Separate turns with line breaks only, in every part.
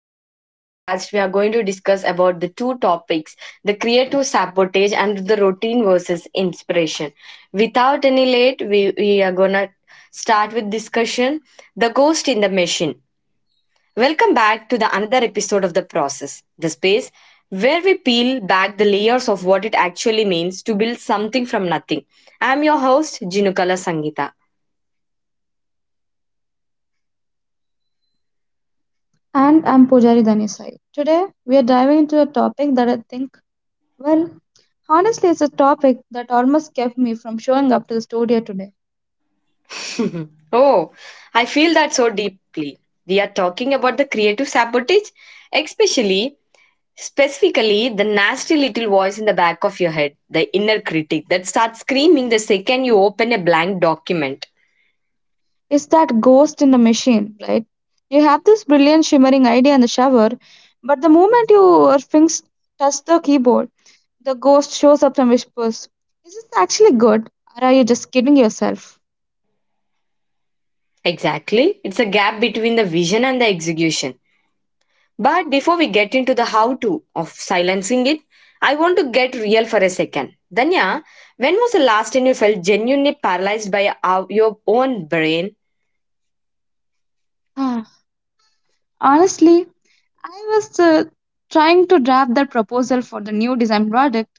In this podcast, we are going to discuss about the two topics: the creative sabotage and the routine versus inspiration. Without any late, we are gonna start with discussion. The ghost in the machine. Welcome back to the another episode of the process, the space where we peel back the layers of what it actually means to build something from nothing. I am your host, Jinukala Sangita.
And I'm Pujari Dhanisai. Today, we are diving into a topic that I think, well, honestly, it's a topic that almost kept me from showing up to the studio today.
Oh, I feel that so deeply. We are talking about the creative sabotage, especially, specifically, the nasty little voice in the back of your head, the inner critic that starts screaming the second you open a blank document.
It's that ghost in the machine, right? You have this brilliant shimmering idea in the shower, but the moment your fingers touch the keyboard, the ghost shows up and whispers, "Is this actually good? Or are you just kidding yourself?"
Exactly. It's a gap between the vision and the execution. But before we get into the how to of silencing it, I want to get real for a second. Danya, when was the last time you felt genuinely paralyzed by your own brain?
Ah, Honestly, I was trying to draft that proposal for the new design project.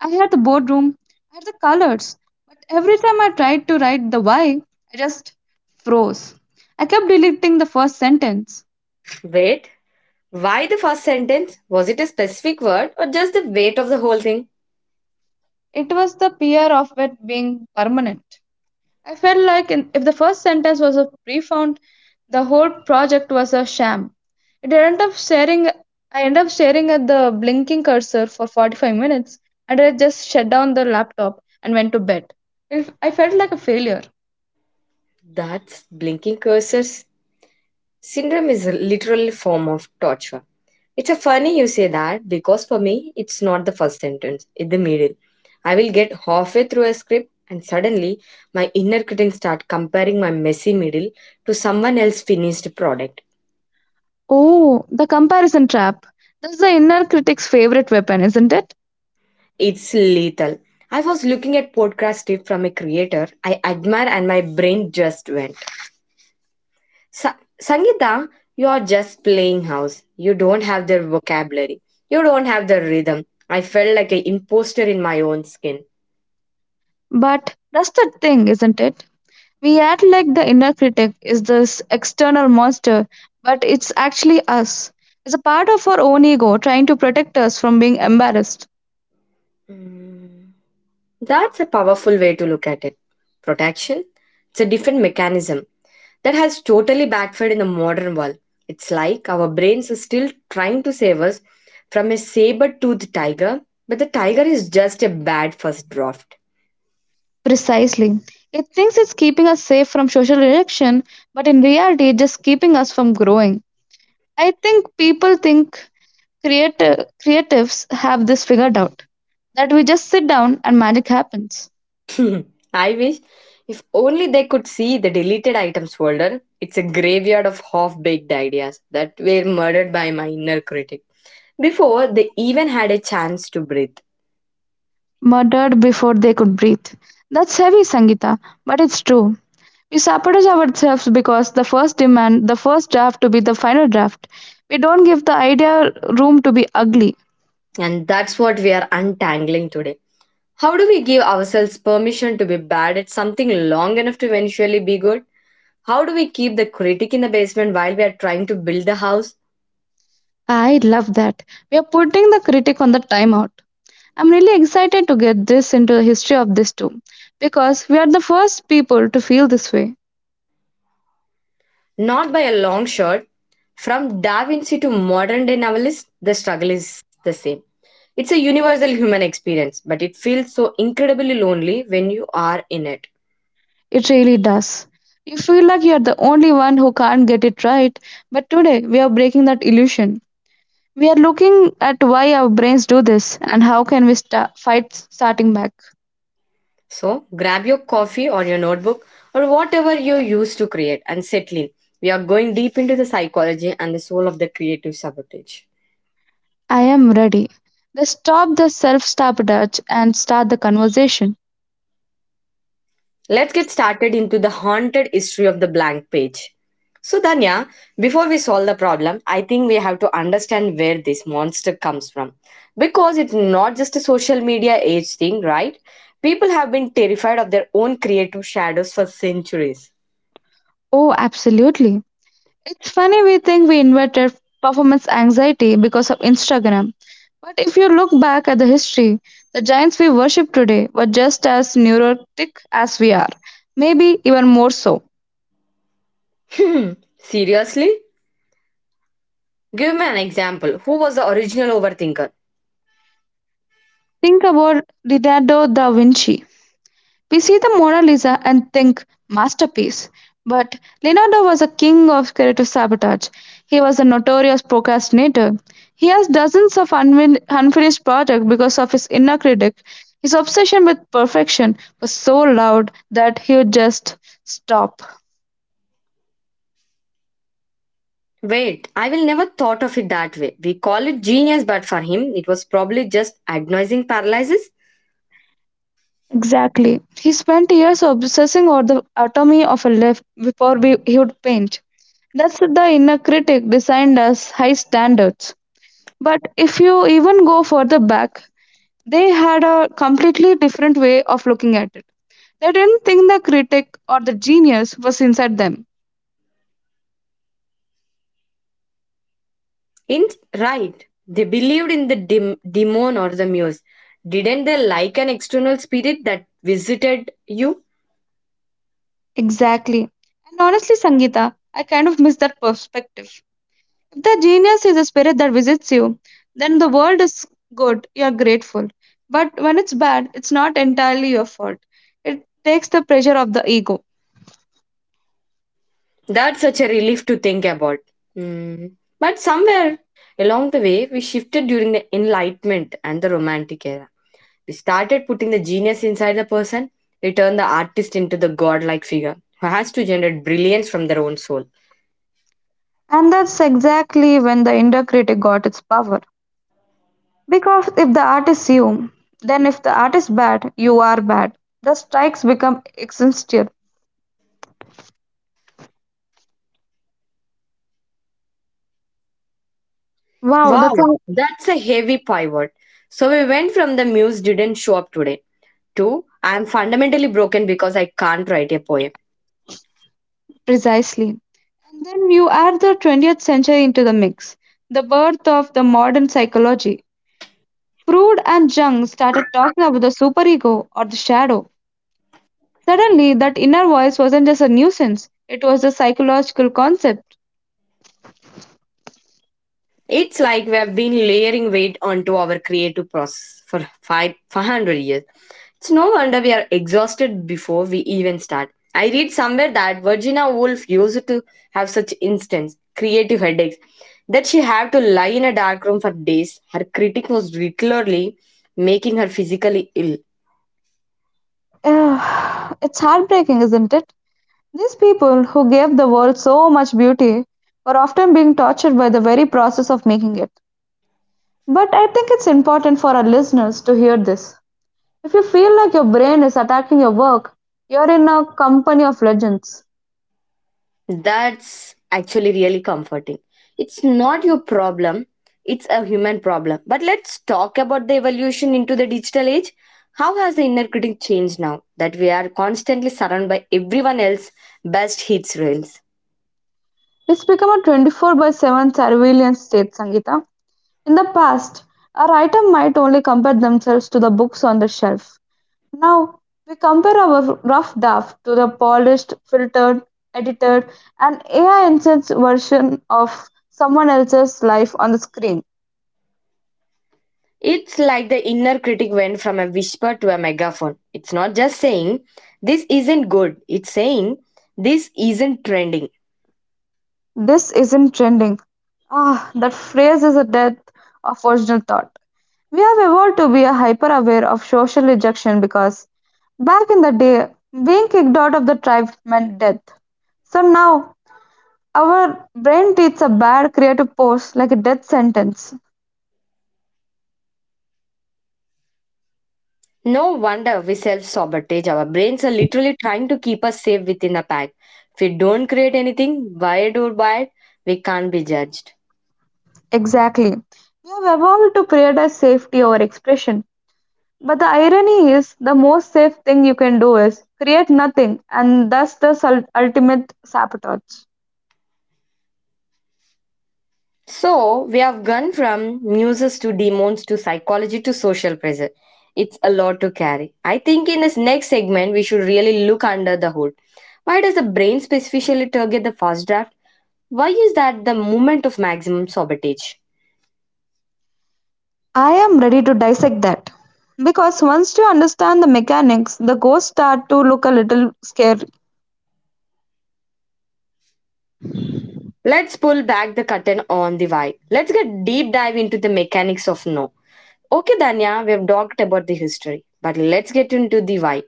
I had the boardroom, I had the colors, but every time I tried to write the why, I just froze. I kept deleting the first sentence.
Wait, why the first sentence? Was it a specific word or just the weight of the whole thing?
It was the fear of it being permanent. I felt like if the first sentence was a profound, the whole project was a sham. It ended up staring. I ended up staring at the blinking cursor for 45 minutes, and I just shut down the laptop and went to bed. I felt like a failure.
That's blinking cursors. Syndrome is a literal form of torture. It's a funny you say that because for me it's not the first sentence, it's the middle. I will get halfway through a script and suddenly my inner critic start comparing my messy middle to someone else's finished product.
Oh, the comparison trap. That's the inner critic's favorite weapon, isn't it?
It's lethal. I was looking at podcast tip from a creator I admire and my brain just went. Sa- Sangeeta, you're just playing house. You don't have the vocabulary. You don't have the rhythm. I felt like an imposter in my own skin.
But that's the thing, isn't it? We act like the inner critic is this external monster, but it's actually us. It's a part of our own ego trying to protect us from being embarrassed.
Mm. That's a powerful way to look at it. Protection? It's a different mechanism that has totally backfired in the modern world. It's like our brains are still trying to save us from a saber toothed tiger, but the tiger is just a bad first draft.
Precisely. It thinks it's keeping us safe from social rejection, but in reality, it's just keeping us from growing. I think people think creatives have this figured out, that we just sit down and magic happens.
I wish if only they could see the deleted items folder. It's a graveyard of half baked ideas that were murdered by my inner critic before they even had a chance to breathe.
Murdered before they could breathe. That's heavy, Sangita, but it's true. We sabotage ourselves because the first demand the first draft to be the final draft. We don't give the idea room to be ugly.
And that's what we are untangling today. How do we give ourselves permission to be bad at something long enough to eventually be good? How do we keep the critic in the basement while we are trying to build the house?
I love that. We are putting the critic on the timeout. I'm really excited to get this into the history of this too, because we are the first people to feel this way.
Not by a long shot. From Da Vinci to modern day novelists, the struggle is the same. It's a universal human experience, but it feels so incredibly lonely when you are in it.
It really does. You feel like you're the only one who can't get it right, but today we are breaking that illusion. We are looking at why our brains do this and how can we fight starting back.
So grab your coffee or your notebook or whatever you use to create and settle in. We are going deep into the psychology and the soul of the creative sabotage.
I am ready. Let's stop the self-sabotage and start the conversation.
Let's get started into the haunted history of the blank page. So, Danya, before we solve the problem, I think we have to understand where this monster comes from. Because it's not just a social media age thing, right? People have been terrified of their own creative shadows for centuries.
Oh, absolutely. It's funny we think we invented performance anxiety because of Instagram. But if you look back at the history, the giants we worship today were just as neurotic as we are, maybe even more so.
Hmm, seriously? Give me an example. Who was the original overthinker?
Think about Leonardo da Vinci. We see the Mona Lisa and think masterpiece. But Leonardo was a king of creative sabotage. He was a notorious procrastinator. He has dozens of unfinished projects because of his inner critic. His obsession with perfection was so loud that he would just stop.
Wait, I will never thought of it that way. We call it genius, but for him, it was probably just agonizing paralysis.
Exactly. He spent years obsessing over the anatomy of a leaf before he would paint. That's the inner critic designed us high standards. But if you even go further back, they had a completely different way of looking at it. They didn't think the critic or the genius was inside them.
In right, they believed in the demon or the muse. Didn't they like an external spirit that visited you?
Exactly. And honestly, Sangeeta, I kind of miss that perspective. If the genius is a spirit that visits you, then the world is good, you're grateful. But when it's bad, it's not entirely your fault. It takes the pressure of the ego.
That's such a relief to think about. Hmm. But somewhere along the way, we shifted during the Enlightenment and the Romantic era. We started putting the genius inside the person. We turned the artist into the godlike figure who has to generate brilliance from their own soul.
And that's exactly when the inner critic got its power. Because if the art is you, then if the art is bad, you are bad. The strikes become existential. Wow,
Wow,
that's how
that's a heavy pivot. So we went from the muse didn't show up today two, I'm fundamentally broken because I can't write a poem.
precisely. And then you add the 20th century into the mix, the birth of the modern psychology. Freud and Jung started talking about the superego or the shadow. Suddenly, that inner voice wasn't just a nuisance, it was a psychological concept.
It's like we have been layering weight onto our creative process for 500 years. It's no wonder we are exhausted before we even start. I read somewhere that Virginia Woolf used to have such instance creative headaches that she had to lie in a dark room for days. Her critic was regularly making her physically ill.
Ugh, it's heartbreaking, isn't it? These people, who gave the world so much beauty, were often being tortured by the very process of making it. But I think it's important for our listeners to hear this. If you feel like your brain is attacking your work, you're in a company of legends.
That's actually really comforting. It's not your problem, it's a human problem. But let's talk about the evolution into the digital age. How has the inner critic changed now that we are constantly surrounded by everyone else's best hits reels?
It's become a 24 by 7 surveillance state, Sangeeta. In the past, a writer might only compare themselves to the books on the shelf. Now, we compare our rough draft to the polished, filtered, edited, and AI enhanced version of someone else's life on the screen.
It's like the inner critic went from a whisper to a megaphone. It's not just saying, this isn't good, it's saying, this isn't trending.
This isn't trending. Ah, that phrase is a death of original thought. We have evolved to be hyper aware of social rejection because back in the day, being kicked out of the tribe meant death. So now, our brain treats a bad creative post like a death sentence.
No wonder we self sabotage. Our brains are literally trying to keep us safe within a pack. If we don't create anything, wired or wired, we can't be judged.
Exactly. We have evolved to prioritize safety over expression. But the irony is, the most safe thing you can do is create nothing, and thus the ultimate sabotage.
So, we have gone from muses to demons to psychology to social pressure. It's a lot to carry. I think in this next segment, we should really look under the hood. Why does the brain specifically target the first draft? Why is that the moment of maximum sabotage?
I am ready to dissect that. Because once you understand the mechanics, the ghosts start to look a little scary.
Let's pull back the curtain on the why. Let's get deep dive into the mechanics of no. Okay, Danya, we have talked about the history, but let's get into the why.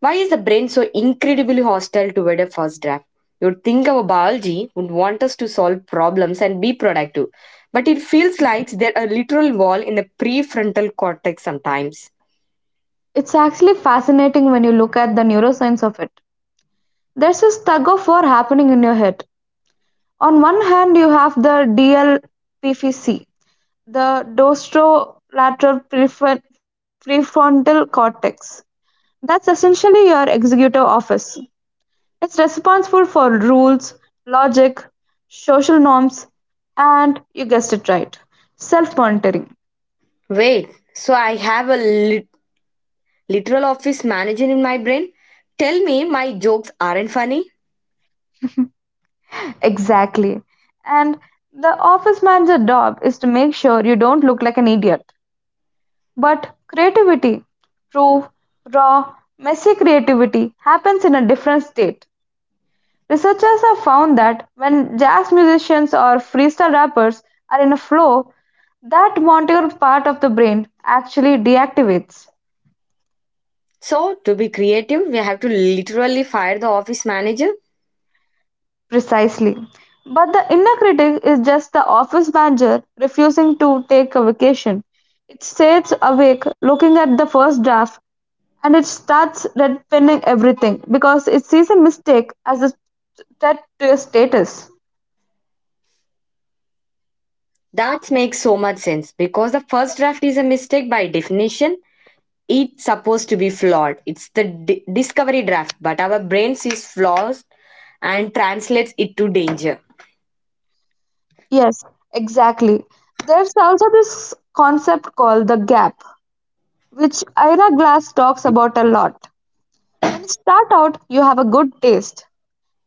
Why is the brain so incredibly hostile toward a first draft? You'd think our biology would want us to solve problems and be productive, but it feels like there a literal wall in the prefrontal cortex sometimes.
It's actually fascinating when you look at the neuroscience of it. There's this tug of war happening in your head. On one hand, you have the DLPFC, the dorsolateral prefrontal cortex. That's essentially your executive office. It's responsible for rules, logic, social norms, and you guessed it right, self monitoring.
Wait, so I have a literal office manager in my brain? Tell me my jokes aren't funny?
Exactly. And the office manager job is to make sure you don't look like an idiot. But creativity, true, raw, messy creativity happens in a different state. Researchers have found that when jazz musicians or freestyle rappers are in a flow, that motor part of the brain actually deactivates.
So, to be creative, we have to literally fire the office manager?
Precisely. But the inner critic is just the office manager refusing to take a vacation. It stays awake looking at the first draft, and it starts red redpinning everything because it sees a mistake as a threat to your status.
That makes so much sense because the first draft is a mistake by definition. It's supposed to be flawed. It's the discovery draft, but our brain sees flaws and translates it to danger.
Yes, exactly. There's also this concept called the gap, which Ira Glass talks about a lot. When you start out, you have a good taste.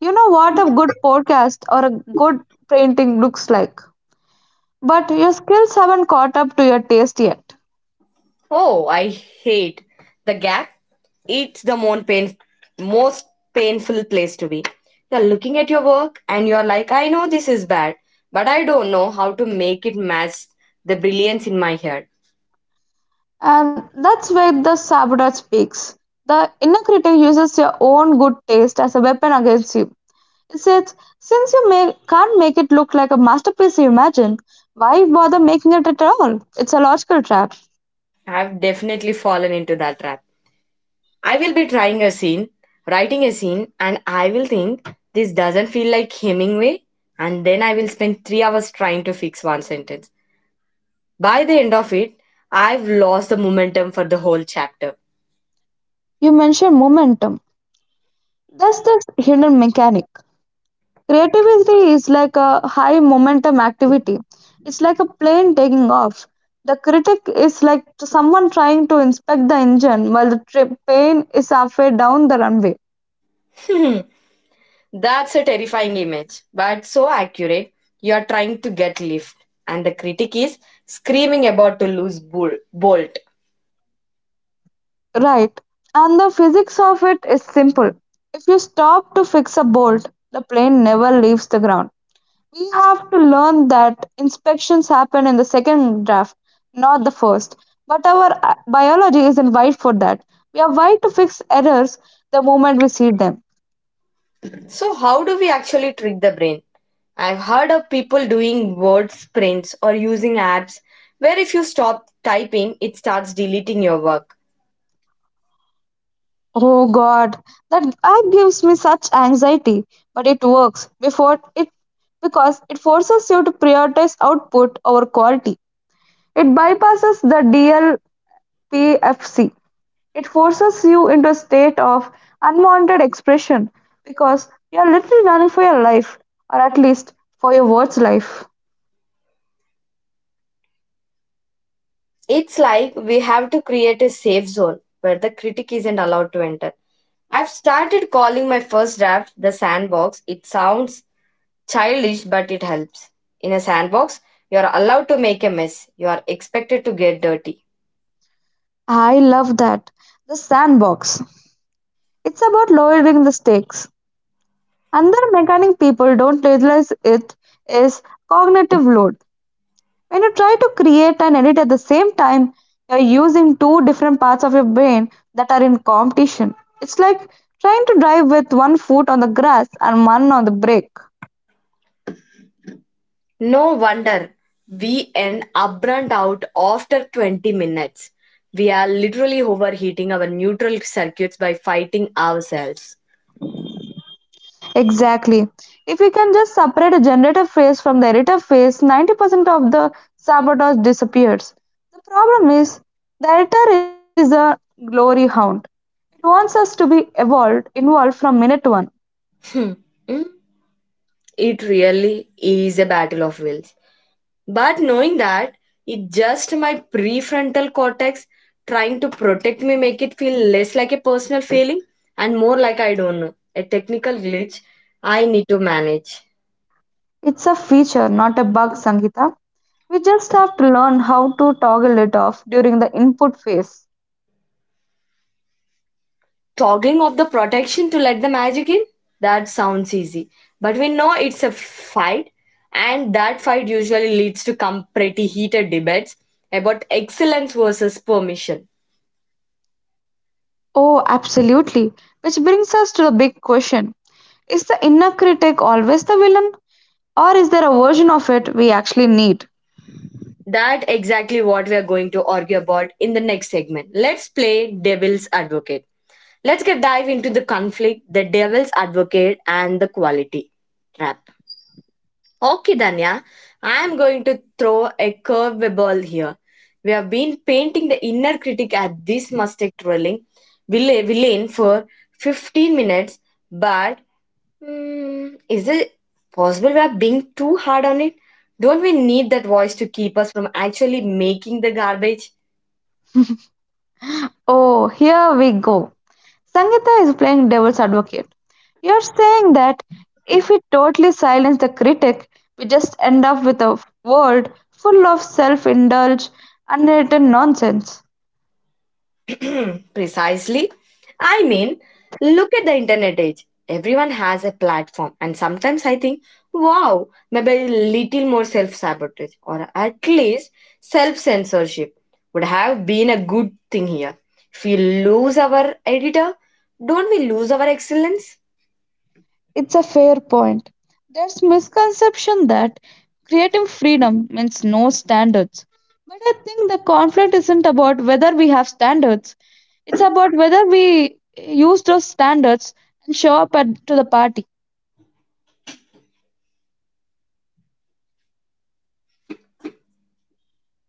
You know what a good podcast or a good painting looks like. But your skills haven't caught up to your taste yet.
Oh, I hate the gap. It's the most painful place to be. You're looking at your work and you're like, I know this is bad, but I don't know how to make it match the brilliance in my head.
And that's where the saboteur speaks. The inner critic uses your own good taste as a weapon against you. It says, since you can't make it look like a masterpiece you imagine, why bother making it at all? It's a logical trap.
I've definitely fallen into that trap. I will be trying a scene, writing a scene, and I will think this doesn't feel like Hemingway, and then I will spend 3 hours trying to fix one sentence. By the end of it, I've lost the momentum for the whole chapter.
You mention momentum. There's this hidden mechanic. Creativity is like a high momentum activity. It's like a plane taking off. The critic is like to someone trying to inspect the engine while the plane is halfway down the runway.
That's a terrifying image, but so accurate. You are trying to get lift, and the critic is screaming about to lose bolt.
Right. And the physics of it is simple. If you stop to fix a bolt, the plane never leaves the ground. We have to learn that inspections happen in the second draft, not the first. But our biology isn't wired for that. We are wired to fix errors the moment we see them.
So, how do we actually trick the brain? I've heard of people doing word sprints or using apps where if you stop typing, it starts deleting your work.
Oh God, that app gives me such anxiety. But it works before it because it forces you to prioritize output over quality. It bypasses the DLPFC. It forces you into a state of unwanted expression because you are literally running for your life, or at least for your words' life.
It's like we have to create a safe zone where the critic isn't allowed to enter. I've started calling my first draft the sandbox. It sounds childish, but it helps. In a sandbox, you are allowed to make a mess. You are expected to get dirty.
I love that. The sandbox. It's about lowering the stakes. Another mechanic people don't realize it is cognitive load. When you try to create and edit at the same time, you're using two different parts of your brain that are in competition. It's like trying to drive with one foot on the grass and one on the brake.
No wonder we end up burnt out after 20 minutes. We are literally overheating our neutral circuits by fighting ourselves.
Exactly. If we can just separate a generator phase from the editor phase, 90% of the sabotage disappears. The problem is, the editor is a glory hound. It wants us to be involved from minute one.
Hmm. Hmm. It really is a battle of wills. But knowing that, it just my prefrontal cortex trying to protect me make it feel less like a personal failing and more like I don't know, a technical glitch I need to manage.
It's a feature, not a bug, Sangeeta. We just have to learn how to toggle it off during the input phase.
Toggling of the protection to let the magic in, that sounds easy, but we know it's a fight, and that fight usually leads to come pretty heated debates about excellence versus permission.
Oh, absolutely. Which brings us to the big question: is the inner critic always the villain, or is there a version of it we actually need?
That exactly what we are going to argue about in the next segment. Let's play devil's advocate. Let's get dive into the conflict, the devil's advocate and the quality trap. Okay, Danya, I am going to throw a curveball here. We have been painting the inner critic at this mistake drilling villain for 15 minutes, but is it possible we are being too hard on it? Don't we need that voice to keep us from actually making the garbage?
Oh, here we go. Sangeeta is playing devil's advocate. You're saying that if we totally silence the critic, we just end up with a world full of self indulged, unwritten nonsense.
Precisely. I mean, look at the internet age. Everyone has a platform, and sometimes I think, wow, maybe a little more self sabotage or at least self censorship would have been a good thing here. If we lose our editor, don't we lose our excellence?
It's a fair point. There's misconception that creative freedom means no standards. But I think the conflict isn't about whether we have standards. It's about whether we use those standards and show up to the party.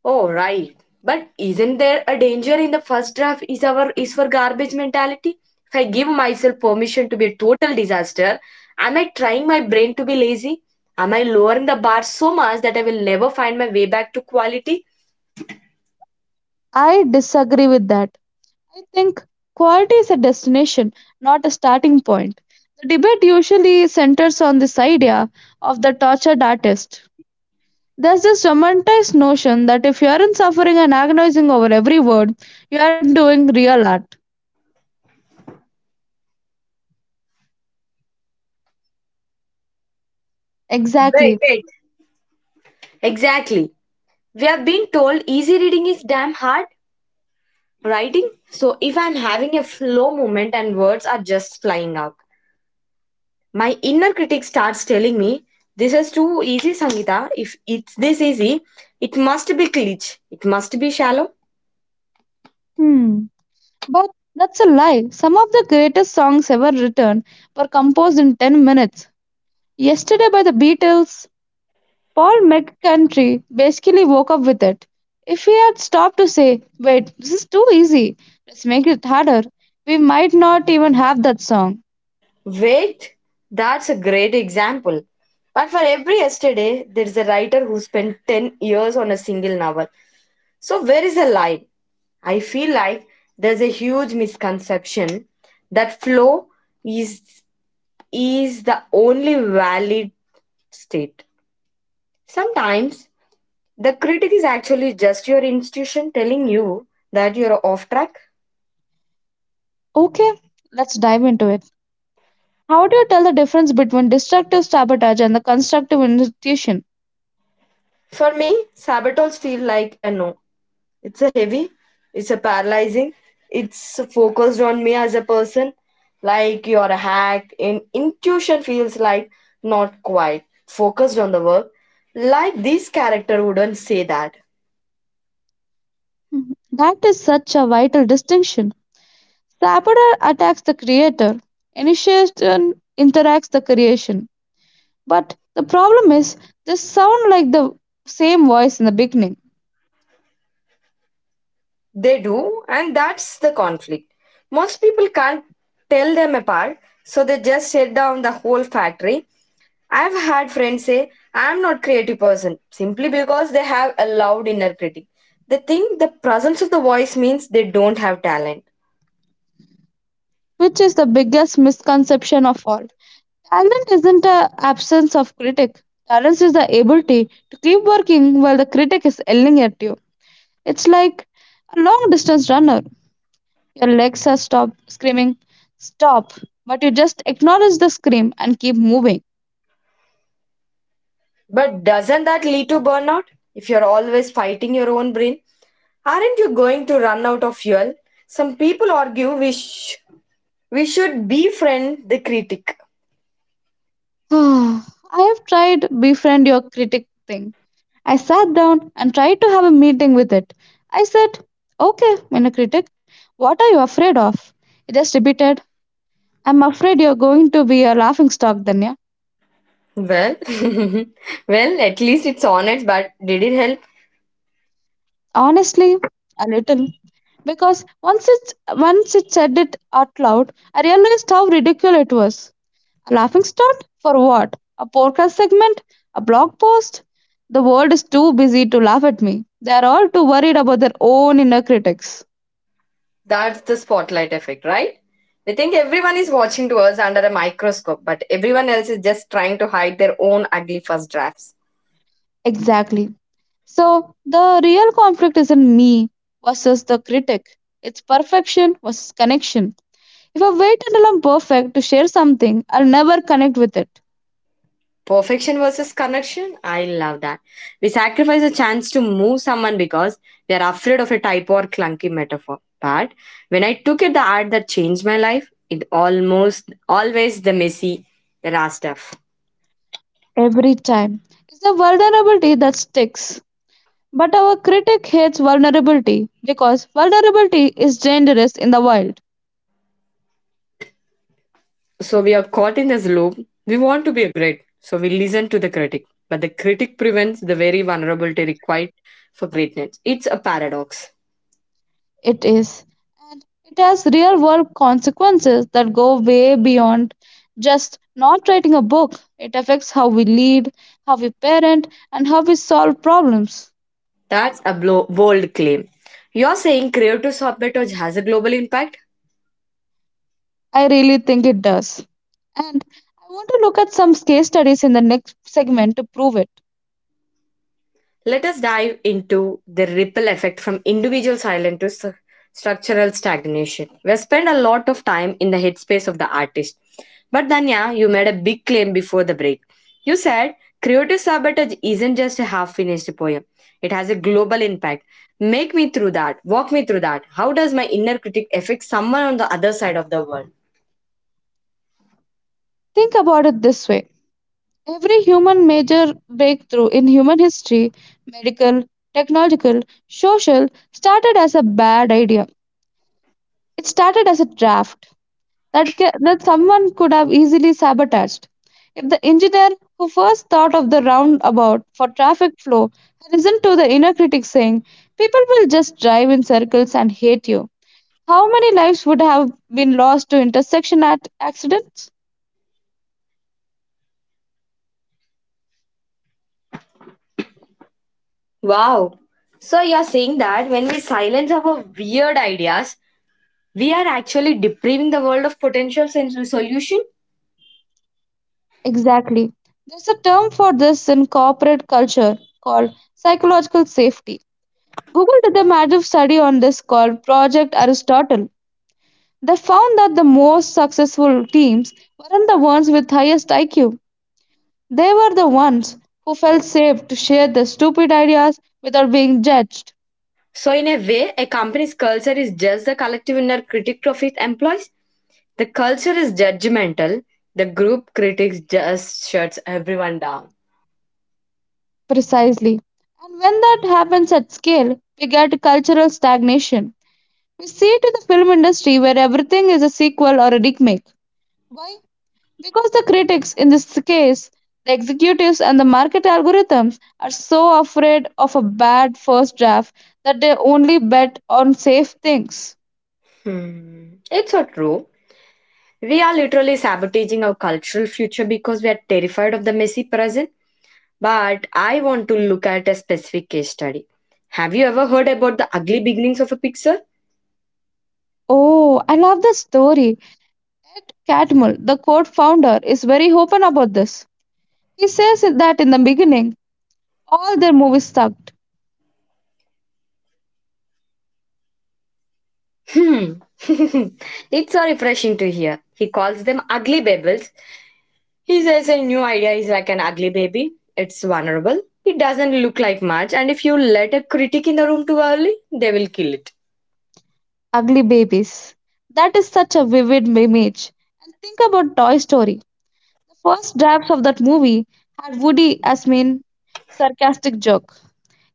Oh, right. But isn't there a danger in the first draft is our is for garbage mentality? If I give myself permission to be a total disaster, am I trying my brain to be lazy? Am I lowering the bar so much that I will never find my way back to quality?
I disagree with that. I think quality is a destination, not a starting point. The debate usually centers on this idea of the tortured artist. There's this romanticized notion that if you aren't suffering and agonizing over every word, you aren't doing real art.
Wait,
Exactly.
wait. Exactly. We have been told easy reading is damn hard writing. So if I'm having a flow moment and words are just flying out, my inner critic starts telling me, this is too easy, Sangita. If it's this easy, it must be glitch. It must be shallow.
Hmm. But that's a lie. Some of the greatest songs ever written were composed in 10 minutes. Yesterday by the Beatles, Paul McCartney basically woke up with it. If he had stopped to say, wait, this is too easy, let's make it harder, we might not even have that song.
Wait, that's a great example. But for every yesterday, there is a writer who spent 10 years on a single novel. So, where is the line? I feel like there's a huge misconception that flow is, is the only valid state. Sometimes, the critic is actually just your institution telling you that you're off track.
Okay, let's dive into it. How do you tell the difference between destructive sabotage and the constructive institution?
For me, sabbatals feel like a no. It's a heavy, it's a paralyzing, it's focused on me as a person, like you're a hack, and intuition feels like not quite focused on the work. Like this character wouldn't say that.
Mhm. That is such a vital distinction. Saboteur attacks the creator, initiation interacts the creation. But the problem is, they sound like the same voice in the beginning.
They do, and that's the conflict. Most people can't tell them apart, so they just shut down the whole factory. I've had friends say I'm not creative person simply because they have a loud inner critic. They think the presence of the voice means they don't have talent.
Which is the biggest misconception of all. Talent isn't an absence of critic. Talent is the ability to keep working while the critic is yelling at you. It's like a long distance runner. Your legs are stopped screaming, stop, but you just acknowledge the scream and keep moving.
But doesn't that lead to burnout? If you're always fighting your own brain, aren't you going to run out of fuel? Some people argue we should befriend the critic.
I have tried befriend your critic thing. I sat down and tried to have a meeting with it. I said, okay, minor critic, what are you afraid of? It just repeated, I'm afraid you're going to be a laughing stock, Danya.
Well, at least it's honest, but did it help?
Honestly, a little. Because once it said it out loud, I realized how ridiculous it was. A laughing stock for what? A podcast segment? A blog post? The world is too busy to laugh at me. They are all too worried about their own inner critics.
That's the spotlight effect, right? We think everyone is watching to us under a microscope, but everyone else is just trying to hide their own ugly first drafts.
Exactly. So the real conflict isn't me versus the critic. It's perfection versus connection. If I wait until I'm perfect to share something, I'll never connect with it.
Perfection versus connection, I love that. We sacrifice a chance to move someone because we are afraid of a typo or clunky metaphor. But when I took it the art that changed my life, it almost always the messy, the raw stuff.
Every time. It's the vulnerability that sticks. But our critic hates vulnerability because vulnerability is dangerous in the wild.
So we are caught in this loop. We want to be great, so we listen to the critic, but the critic prevents the very vulnerability required for greatness. It's a paradox.
It is. And it has real world consequences that go way beyond just not writing a book. It affects how we lead, how we parent, and how we solve problems.
That's a bold claim. You're saying creative software touch has a global impact?
I really think it does. And I want to look at some case studies in the next segment to prove it.
Let us dive into the ripple effect from individual silence to structural stagnation. We have spent a lot of time in the headspace of the artist. But Danya, you made a big claim before the break. You said creative sabotage isn't just a half finished poem, it has a global impact. Make me through that, walk me through that. How does my inner critic affect someone on the other side of the world?
Think about it this way, every human major breakthrough in human history, medical, technological, social, started as a bad idea. It started as a draft that, that someone could have easily sabotaged. If the engineer who first thought of the roundabout for traffic flow had listened to the inner critic saying, people will just drive in circles and hate you, how many lives would have been lost to intersection at accidents?
Wow. So you're saying that when we silence our weird ideas, we are actually depriving the world of potential sensory solution.
Exactly. There's a term for this in corporate culture called psychological safety. Google did a massive study on this called Project Aristotle. They found that the most successful teams weren't the ones with highest IQ. They were the ones who felt safe to share their stupid ideas without being judged.
So, in a way, a company's culture is just the collective inner critic of its employees. The culture is judgmental. The group critics just shuts everyone down.
Precisely. And when that happens at scale, we get cultural stagnation. We see it in the film industry where everything is a sequel or a remake. Why? Because the critics, in this case, the executives and the market algorithms, are so afraid of a bad first draft that they only bet on safe things.
Hmm. It's so true. We are literally sabotaging our cultural future because we are terrified of the messy present. But I want to look at a specific case study. Have you ever heard about the ugly beginnings of a picture?
Oh, I love the story. Ed Catmull, the code founder, is very open about this. He says that in the beginning, all their movies sucked.
Hmm. It's so refreshing to hear. He calls them ugly babbles. He says a new idea is like an ugly baby. It's vulnerable. It doesn't look like much, and if you let a critic in the room too early, they will kill it.
Ugly babies. That is such a vivid image. And think about Toy Story. The first drafts of that movie had Woody as main sarcastic joke.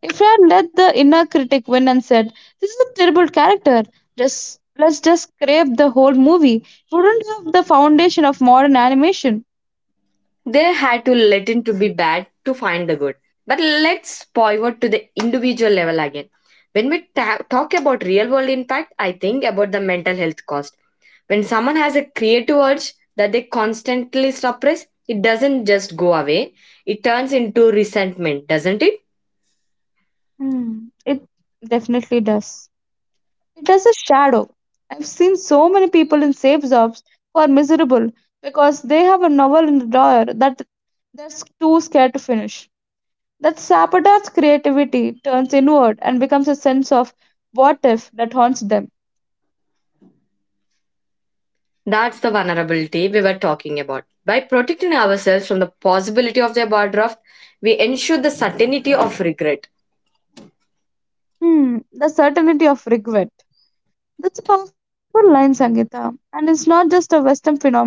If I had let the inner critic win and said, this is a terrible character. Just let's just scrape the whole movie. It wouldn't have the foundation of modern animation.
They had to let in to be bad to find the good. But let's pivot to the individual level again. When we talk about real world impact, I think about the mental health cost. When someone has a creative urge that they constantly suppress, it doesn't just go away, it turns into resentment, doesn't it?
Hmm, it definitely does. It does a shadow. I've seen so many people in safe jobs who are miserable because they have a novel in the drawer that too scared to finish. That sabotages creativity, turns inward, and becomes a sense of what if that haunts them.
That's the vulnerability we were talking about. By protecting ourselves from the possibility of the overdraft, we ensure the certainty of regret.
Hmm, the certainty of regret. That's a powerful line, Sangeeta, and it's not just a Western phenomena.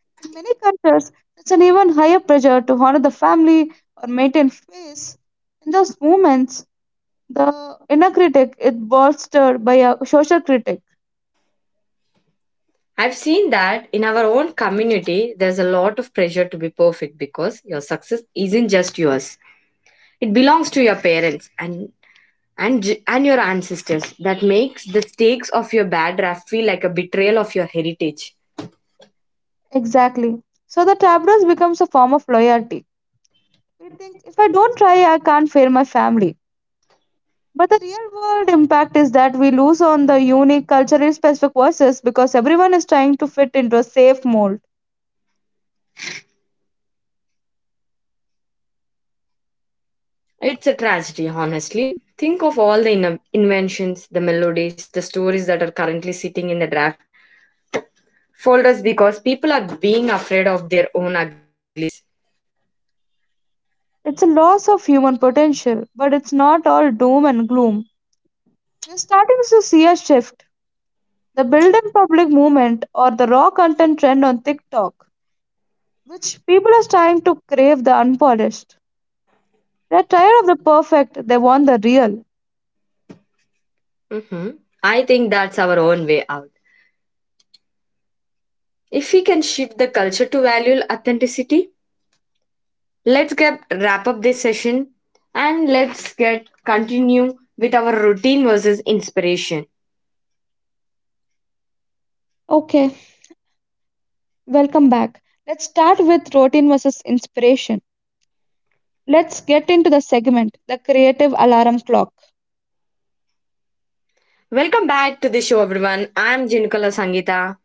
In many cultures, it's an even higher pressure to honor the family or maintain face. In those moments, the inner critic is bolstered by a social critic.
I've seen that in our own community, there's a lot of pressure to be perfect because your success isn't just yours. It belongs to your parents and and your ancestors. That makes the stakes of your bad draft feel like a betrayal of your heritage.
Exactly. So the tableau becomes a form of loyalty. We think if I don't try, I can't fail my family. But the real world impact is that we lose on the unique, culturally specific voices because everyone is trying to fit into a safe mold.
It's a tragedy, honestly. Think of all the inventions, the melodies, the stories that are currently sitting in the draft folders because people are being afraid of their own ugly babies.
It's a loss of human potential, but it's not all doom and gloom. We're starting to see a shift. The build in public movement or the raw content trend on TikTok, which people are trying to crave the unpolished. They're tired of the perfect, they want the real.
hmm I think that's our own way out. If we can shift the culture to value authenticity, let's get wrap up this session and let's get continue with our routine versus inspiration.
Okay, welcome back. Let's start with routine versus inspiration. Let's get into the segment, the creative alarm clock.
Welcome back to the show, everyone. I'm Jinukala Sangita.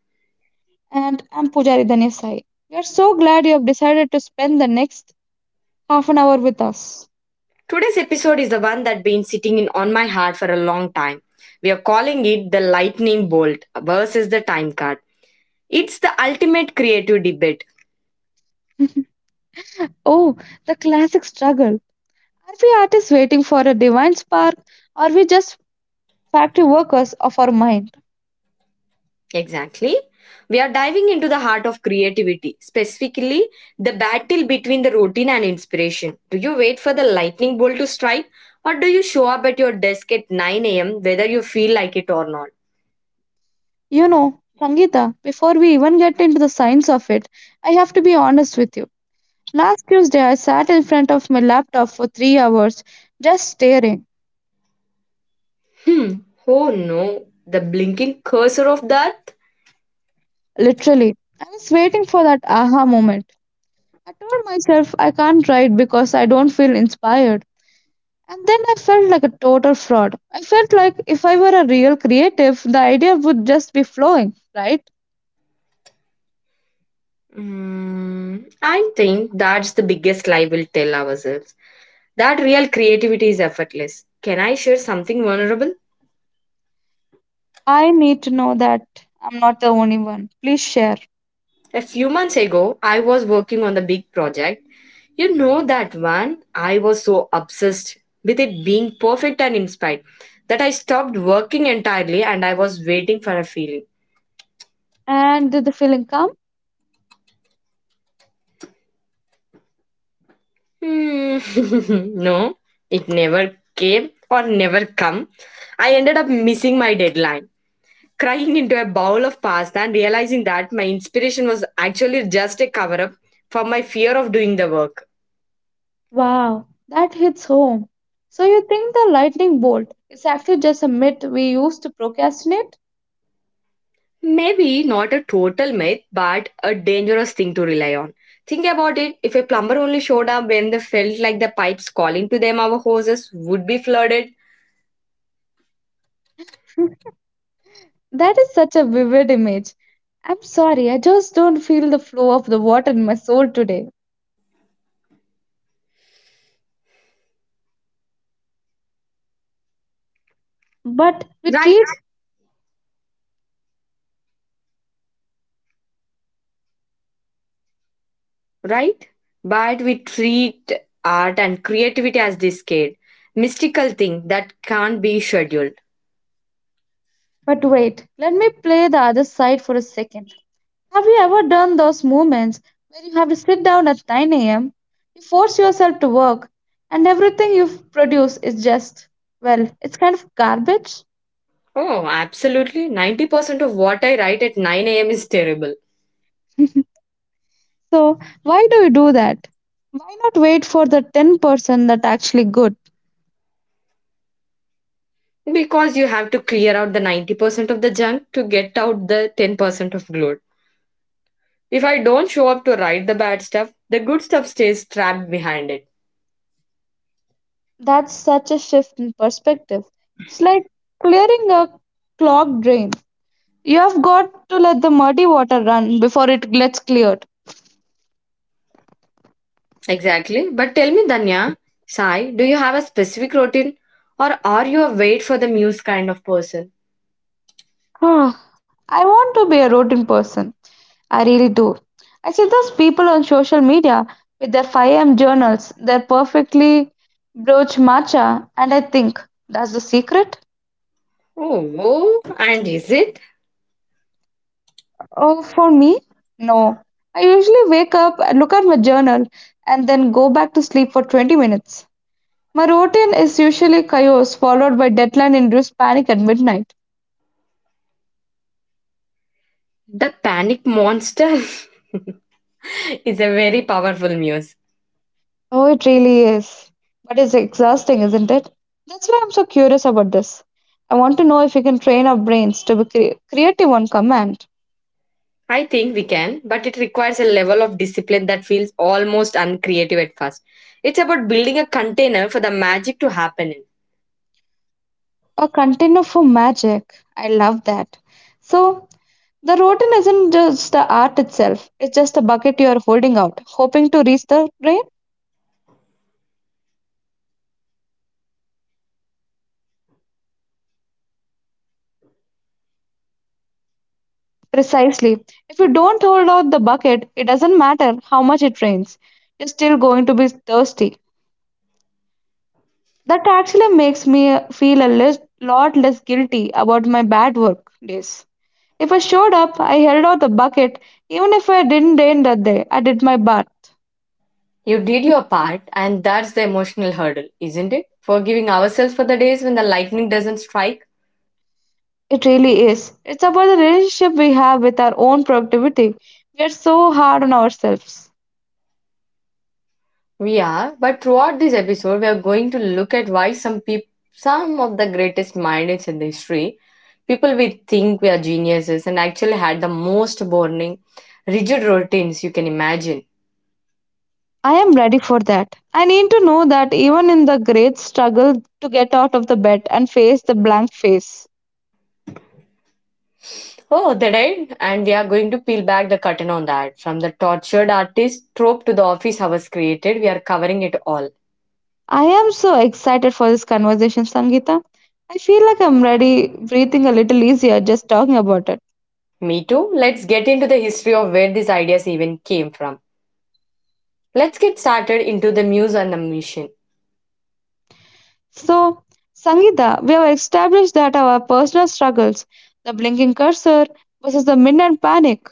And I'm Pujari Dhanesai. We are so glad you have decided to spend the next half an hour with us.
Today's episode is the one that's been sitting in on my heart for a long time. We are calling it the lightning bolt versus the time card. It's the ultimate creative debate.
Oh, the classic struggle. Are we artists waiting for a divine spark? Or are we just factory workers of our mind?
Exactly. We are diving into the heart of creativity, specifically the battle between the routine and inspiration. Do you wait for the lightning bolt to strike, or do you show up at your desk at 9 a.m., whether you feel like it or not?
You know, Sangeeta, before we even get into the science of it, I have to be honest with you. Last Tuesday, I sat in front of my laptop for 3 hours just staring.
Hmm. Oh no, the blinking cursor of that?
Literally, I was waiting for that aha moment. I told myself I can't write because I don't feel inspired. And then I felt like a total fraud. I felt like if I were a real creative, the idea would just be flowing, right?
I think that's the biggest lie we'll tell ourselves. That real creativity is effortless. Can I share something vulnerable?
I need to know that I'm not the only one. Please share.
A few months ago, I was working on the big project. You know that one? I was so obsessed with it being perfect and inspired that I stopped working entirely and I was waiting for a feeling.
And did the feeling come?
Hmm, no, it never came or never come. I ended up missing my deadline, crying into a bowl of pasta and realizing that my inspiration was actually just a cover up for my fear of doing the work.
Wow, that hits home. So you think the lightning bolt is actually just a myth we use to procrastinate?
Maybe not a total myth, but a dangerous thing to rely on. Think about it. If a plumber only showed up when they felt like the pipes calling to them, our hoses would be flooded.
That is such a vivid image. I'm sorry, I just don't feel the flow of the water in my soul today. But
Right?
retreat,
Right? But we treat art and creativity as this kid, mystical thing that can't be scheduled.
but wait, let me play the other side for a second. Have you ever done those moments where you have to sit down at 9 a.m., you force yourself to work, and everything you produce is just, well, it's kind of garbage?
Oh, absolutely. 90% of what I write at 9 a.m. is terrible.
So, why do you do that? Why not wait for the 10% that actually good?
Because you have to clear out the 90% of the junk to get out the 10% of glow. If I don't show up to write the bad stuff, the good stuff stays trapped behind it.
That's such a shift in perspective. It's like clearing a clogged drain. You have got to let the muddy water run before it gets cleared.
Exactly. But tell me, Danya, Sai, do you have a specific routine or are you a wait for the muse kind of person?
Ah, I want to be a routine person. I really do. I see those people on social media with their 5 a.m. journals, their perfectly broached matcha, and I think, that's the secret?
Oh, oh, and is it?
Oh, for me? No. I usually wake up and look at my journal and then go back to sleep for 20 minutes. My routine is usually chaos, followed by deadline-induced panic at midnight.
The panic monster is a very powerful muse.
Oh, it really is. But it's exhausting, isn't it? That's why I'm so curious about this. I want to know if we can train our brains to be creative on command.
I think we can, but it requires a level of discipline that feels almost uncreative at first. It's about building a container for the magic to happen in.
A container for magic. I love that. So, the routine isn't just the art itself, it's just a bucket you are holding out, hoping to reach the rain? Precisely. If you don't hold out the bucket, it doesn't matter how much it rains, you're still going to be thirsty. That actually makes me feel a lot less guilty about my bad work days. If I showed up, I held out the bucket, even if I didn't rain that day, I did my part.
You did your part, and that's the emotional hurdle, isn't it? Forgiving ourselves for the days when the lightning doesn't strike.
It really is. It's about the relationship we have with our own productivity. We are so hard on ourselves.
We are, but throughout this episode, we are going to look at why some people, some of the greatest minds in the history, people we think we are geniuses, and actually had the most boring, rigid routines you can imagine.
I am ready for that. I need to know that even in the great struggle to get out of the bed and face the blank face.
Oh, they did, and we are going to peel back the curtain on that. From the tortured artist trope to the office hours created, we are covering it all.
I am so excited for this conversation, Sangeeta. I feel like I'm ready, breathing a little easier just talking about it.
Me too. Let's get into the history of where these ideas even came from. Let's get started into the muse and the mission.
So, Sangeeta, we have established that our personal struggles, the blinking cursor versus the midnight panic.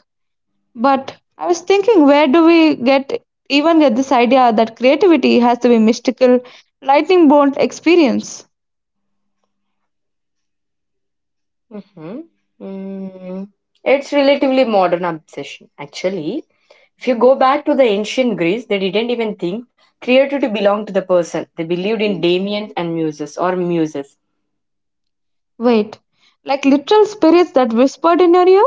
But I was thinking, where do we get even get this idea that creativity has to be mystical, lightning bolt experience?
Mhm. Mm. It's relatively modern obsession. Actually, if you go back to the ancient Greece, they didn't even think creativity belonged to the person. They believed in daemons and muses or muses.
Wait, like literal spirits that whispered in your ear?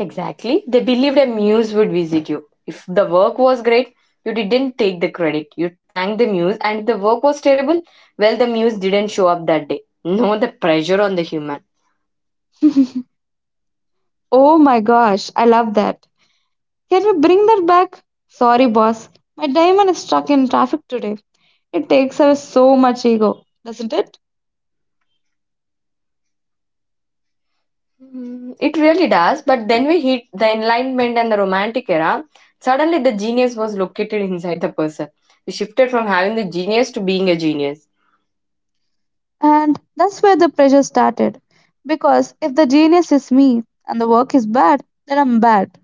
Exactly. They believed a muse would visit you. If the work was great, you didn't take the credit. You thanked the muse, and if the work was terrible, well, the muse didn't show up that day. No, the pressure on the human.
Oh my gosh, I love that. Can you bring that back? Sorry, boss. My diamond is stuck in traffic today. It takes away so much ego, doesn't it?
It really does, but then we hit the Enlightenment and the Romantic era. Suddenly, the genius was located inside the person. We shifted from having the genius to being a genius.
And that's where the pressure started. Because if the genius is me and the work is bad, then I'm bad.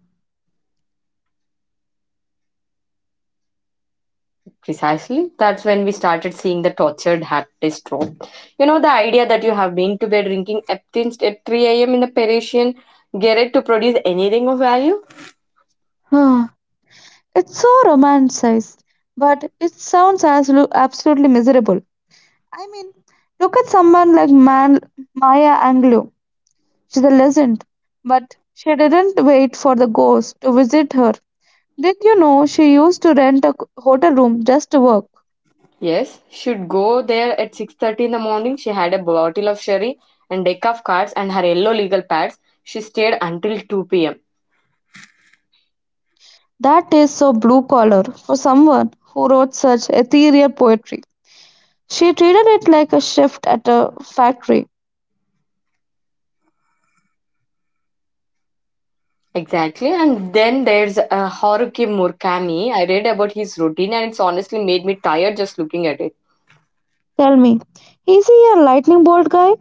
Precisely. That's when we started seeing the tortured hat taste trope. You know, the idea that you have been to bed drinking Eptins at 3 a.m. in the Parisian garret to produce anything of value?
It's so romanticized, but it sounds as absolutely miserable. I mean, look at someone like Maya Angelou. She's a legend, but she didn't wait for the ghost to visit her. Did you know she used to rent a hotel room just to work?
Yes, she'd go there at 6:30 in the morning. She had a bottle of sherry and deck of cards and her yellow legal pads. She stayed until 2 p.m.
That is so blue collar for someone who wrote such ethereal poetry. She treated it like a shift at a factory.
Exactly. And then there's Haruki Murakami. I read about his routine and it's honestly made me tired just looking at it.
Tell me, is he a lightning bolt guy?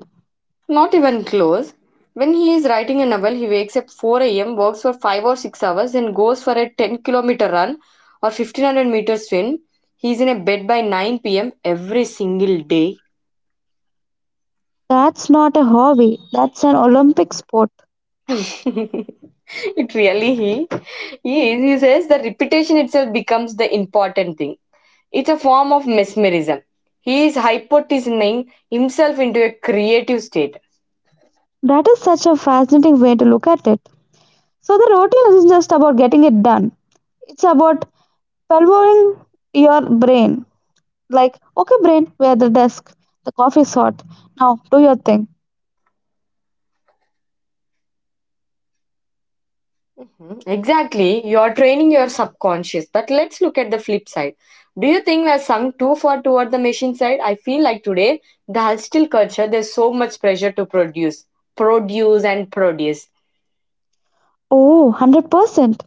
Not even close. When he is writing a novel, he wakes up 4 a.m., works for 5 or 6 hours, and goes for a 10-kilometer run or 1500 meter swim. He is in a bed by 9 p.m. every single day.
That's not a hobby, that's an Olympic sport.
It really he is. He says the repetition itself becomes the important thing. It's a form of mesmerism. He is hypnotizing himself into a creative state.
That is such a fascinating way to look at it. So, the routine isn't just about getting it done, it's about pelvoring your brain. Like, okay, brain, we're at the desk. The coffee's hot. Now, do your thing.
Mhm. Exactly. You're training your subconscious. But let's look at the flip side. Do you think we're sunk too far toward the machine side? I feel like today, the hustle culture, there's so much pressure to produce, produce, and produce.
Oh, 100%.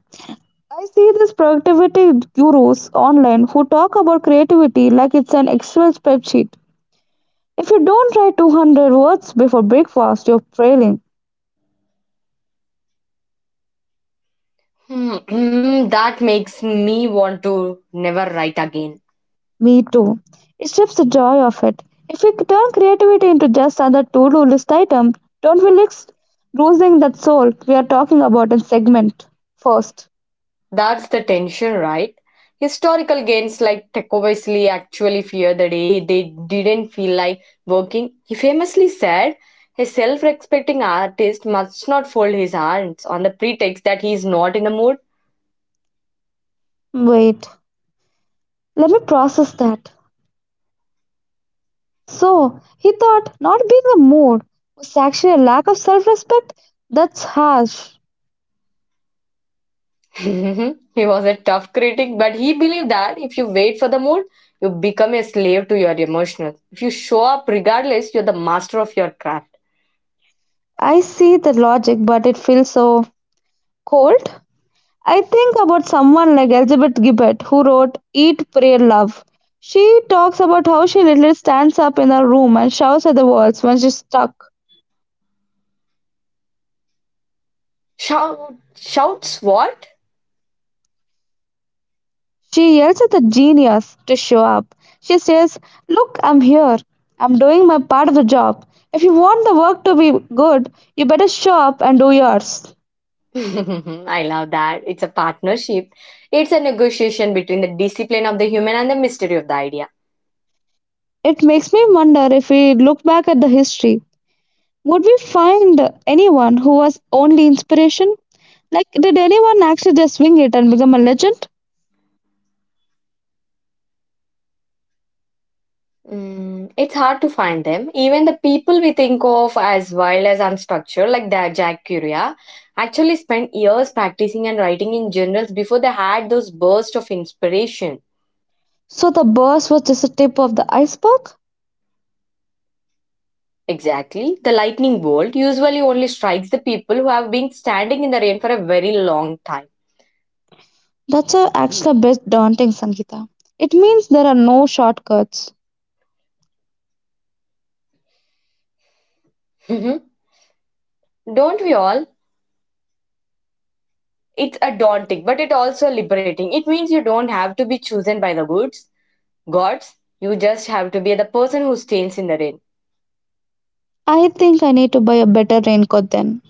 I see these productivity gurus online who talk about creativity like it's an Excel spreadsheet. If you don't write 200 words before breakfast, you're failing.
That makes me want to never write again.
Me too. It strips the joy of it. If we turn creativity into just another to do list item, don't we risk losing that soul we are talking about in segment first?
That's the tension, right? Historical gains like Tecovesley actually fear the day they didn't feel like working. He famously said, a self respecting artist must not fold his hands on the pretext that he is not in the mood.
Wait, let me process that. So, he thought not being the mood was actually a lack of self respect? That's harsh.
He was a tough critic, but he believed that if you wait for the mood, you become a slave to your emotions. If you show up regardless, you're the master of your craft.
I see the logic, but it feels so cold. I think about someone like Elizabeth Gilbert, who wrote Eat, Pray, Love. She talks about how she literally stands up in her room and shouts at the walls when she's stuck.
Shout, shouts what?
She yells at the genius to show up. She says, Look, I'm here. I'm doing my part of the job. If you want the work to be good, you better show up and do yours.
I love that. It's a partnership. It's a negotiation between the discipline of the human and the mystery of the idea.
It makes me wonder if we look back at the history, would we find anyone who was only inspiration? Like, did anyone actually just wing it and become a legend?
Mm, it's hard to find them. Even the people we think of as wild as unstructured, like the Jack Curia, actually spent years practicing and writing in journals before they had those bursts of inspiration.
So the burst was just a tip of the iceberg?
Exactly. The lightning bolt usually only strikes the people who have been standing in the rain for a very long time.
That's a actually a bit daunting, Sangeeta. It means there are no shortcuts.
Don't we all? It's a daunting, but it also liberating. It means you don't have to be chosen by the goods, gods. You just have to be the person who stands in the rain.
I think I need to buy a better raincoat then.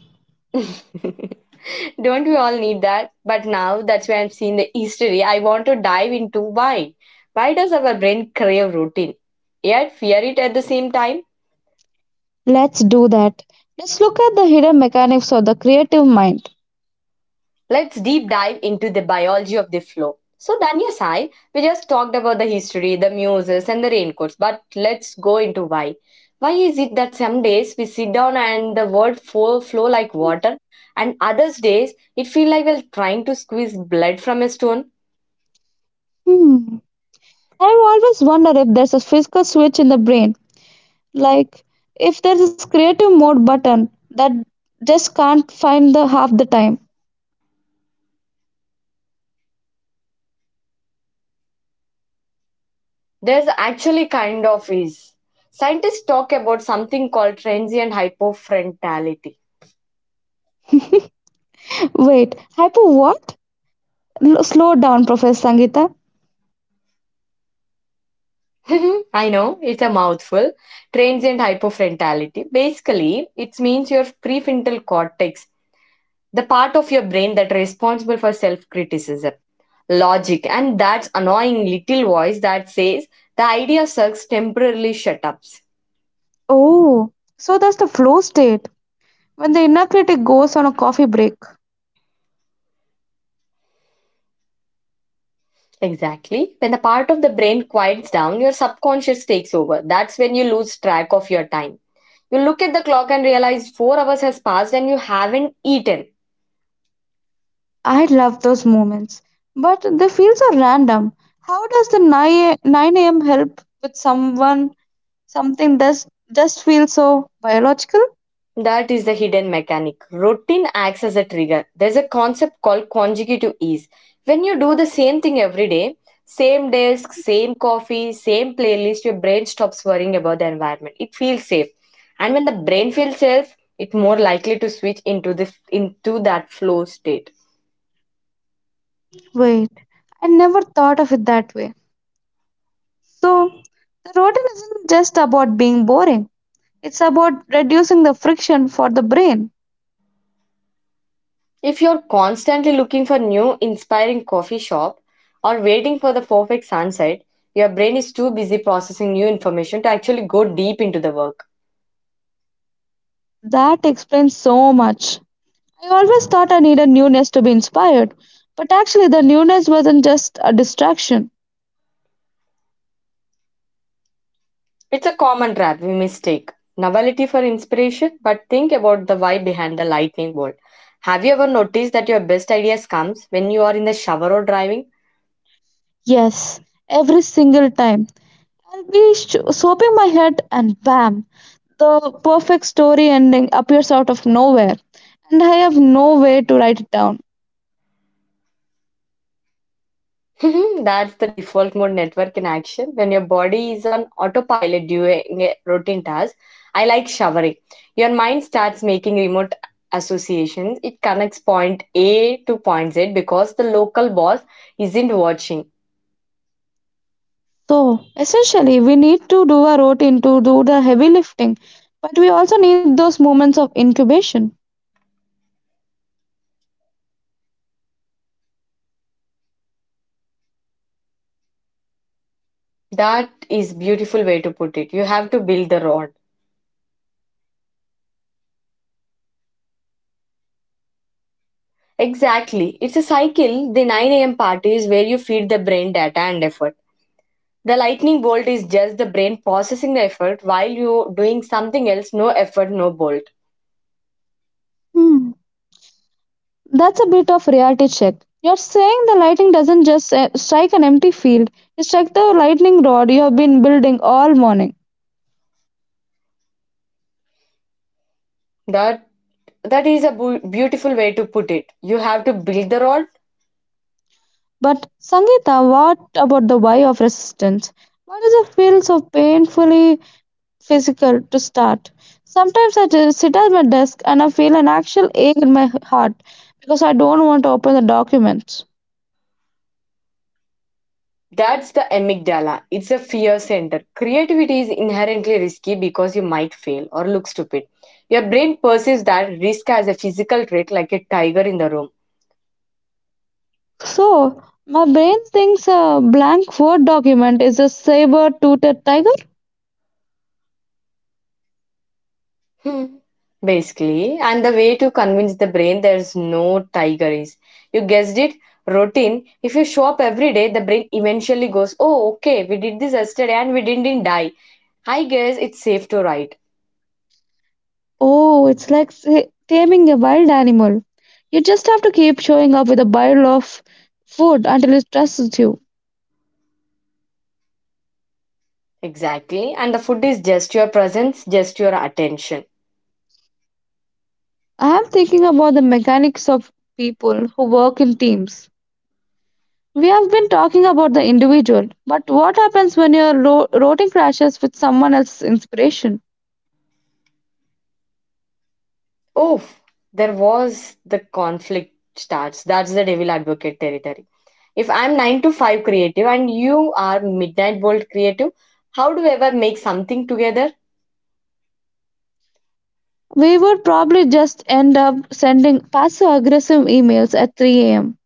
Don't we all need that? But now that's why I'm seeing the history. I want to dive into why. Why does our brain crave routine, yet fear it at the same time?
Let's do that. Let's look at the hidden mechanics of the creative mind.
Let's deep dive into the biology of the flow. So, Daniel Sai, we just talked about the history, the muses, and the raincoats, but let's go into why. Why is it that some days we sit down and the world flow, flow like water, and others days it feel like we're trying to squeeze blood from a stone?
Hmm. I've always wondered if there's a physical switch in the brain. Like, if there's this creative mode button that just can't find the half the time.
There's actually kind of is. Scientists talk about something called transient hypofrontality.
Wait, hyper what? Slow down, Professor Sangeeta.
I know it's a mouthful. Transient hypofrontality. Basically, it means your prefrontal cortex, the part of your brain that responsible for self-criticism, logic, and that annoying little voice that says the idea sucks temporarily shut ups.
Oh, so that's the flow state when the inner critic goes on a coffee break.
Exactly. When the part of the brain quiets down, your subconscious takes over. That's when you lose track of your time. You look at the clock and realize 4 hours has passed and you haven't eaten.
I love those moments, but they feel so random. How does the 9 a.m. help with someone? Something does just feels so biological.
That is the hidden mechanic. Routine acts as a trigger. There's a concept called consecutive ease. When you do the same thing every day, same desk, same coffee, same playlist, your brain stops worrying about the environment. It feels safe. And when the brain feels safe, it's more likely to switch into this into that flow state.
Wait, I never thought of it that way. So, the routine isn't just about being boring, it's about reducing the friction for the brain.
If you're constantly looking for new inspiring coffee shop or waiting for the perfect sunset, your brain is too busy processing new information to actually go deep into the work.
That explains so much. I always thought I needed newness to be inspired, but actually, the newness wasn't just a distraction.
It's a common trap we mistake novelty for inspiration, but think about the why behind the lightning bolt. Have you ever noticed that your best ideas comes when you are in the shower or driving?
Yes, every single time. I'll be swooping my head, and bam, the perfect story ending appears out of nowhere, and I have no way to write it down.
That's the default mode network in action when your body is on autopilot during a routine task. I like showering. Your mind starts making remote associations. It connects point A to point Z because the local boss isn't watching.
So, essentially, we need to do a routine to do the heavy lifting, but we also need those moments of incubation.
That is beautiful way to put it. You have to build the road. Exactly. It's a cycle. The 9 a.m. party is where you feed the brain data and effort. The lightning bolt is just the brain processing the effort while you're doing something else. No effort, no bolt.
Hmm, that's a bit of reality check. You're saying the lightning doesn't just strike an empty field, it strikes the lightning rod you have been building all morning.
That that is a beautiful way to put it. You have to build the rod.
But Sangeeta, what about the why of resistance? Why does it feel so painfully physical to start? Sometimes I just sit at my desk and I feel an actual ache in my heart because I don't want to open the document.
That's the amygdala. It's a fear center. Creativity is inherently risky because you might fail or look stupid. Your brain perceives that risk as a physical threat, like a tiger in the room.
So my brain thinks a blank Word document is a saber-toothed tiger.
Hmm. Basically, and the way to convince the brain there's no tiger is, you guessed it, routine. If you show up every day, the brain eventually goes, "Oh, okay, we did this yesterday and we didn't die. I guess it's safe to write."
Oh, it's like taming a wild animal. You just have to keep showing up with a bile of food until it trusts you.
Exactly, and the food is just your presence, just your attention.
I am thinking about the mechanics of people who work in teams. We have been talking about the individual, but what happens when your routing crashes with someone else's inspiration?
Oh, there was the conflict starts. That's the devil advocate territory. If I'm 9 to 5 creative and you are midnight bolt creative, how do we ever make something together?
We would probably just end up sending passive aggressive emails at 3 am.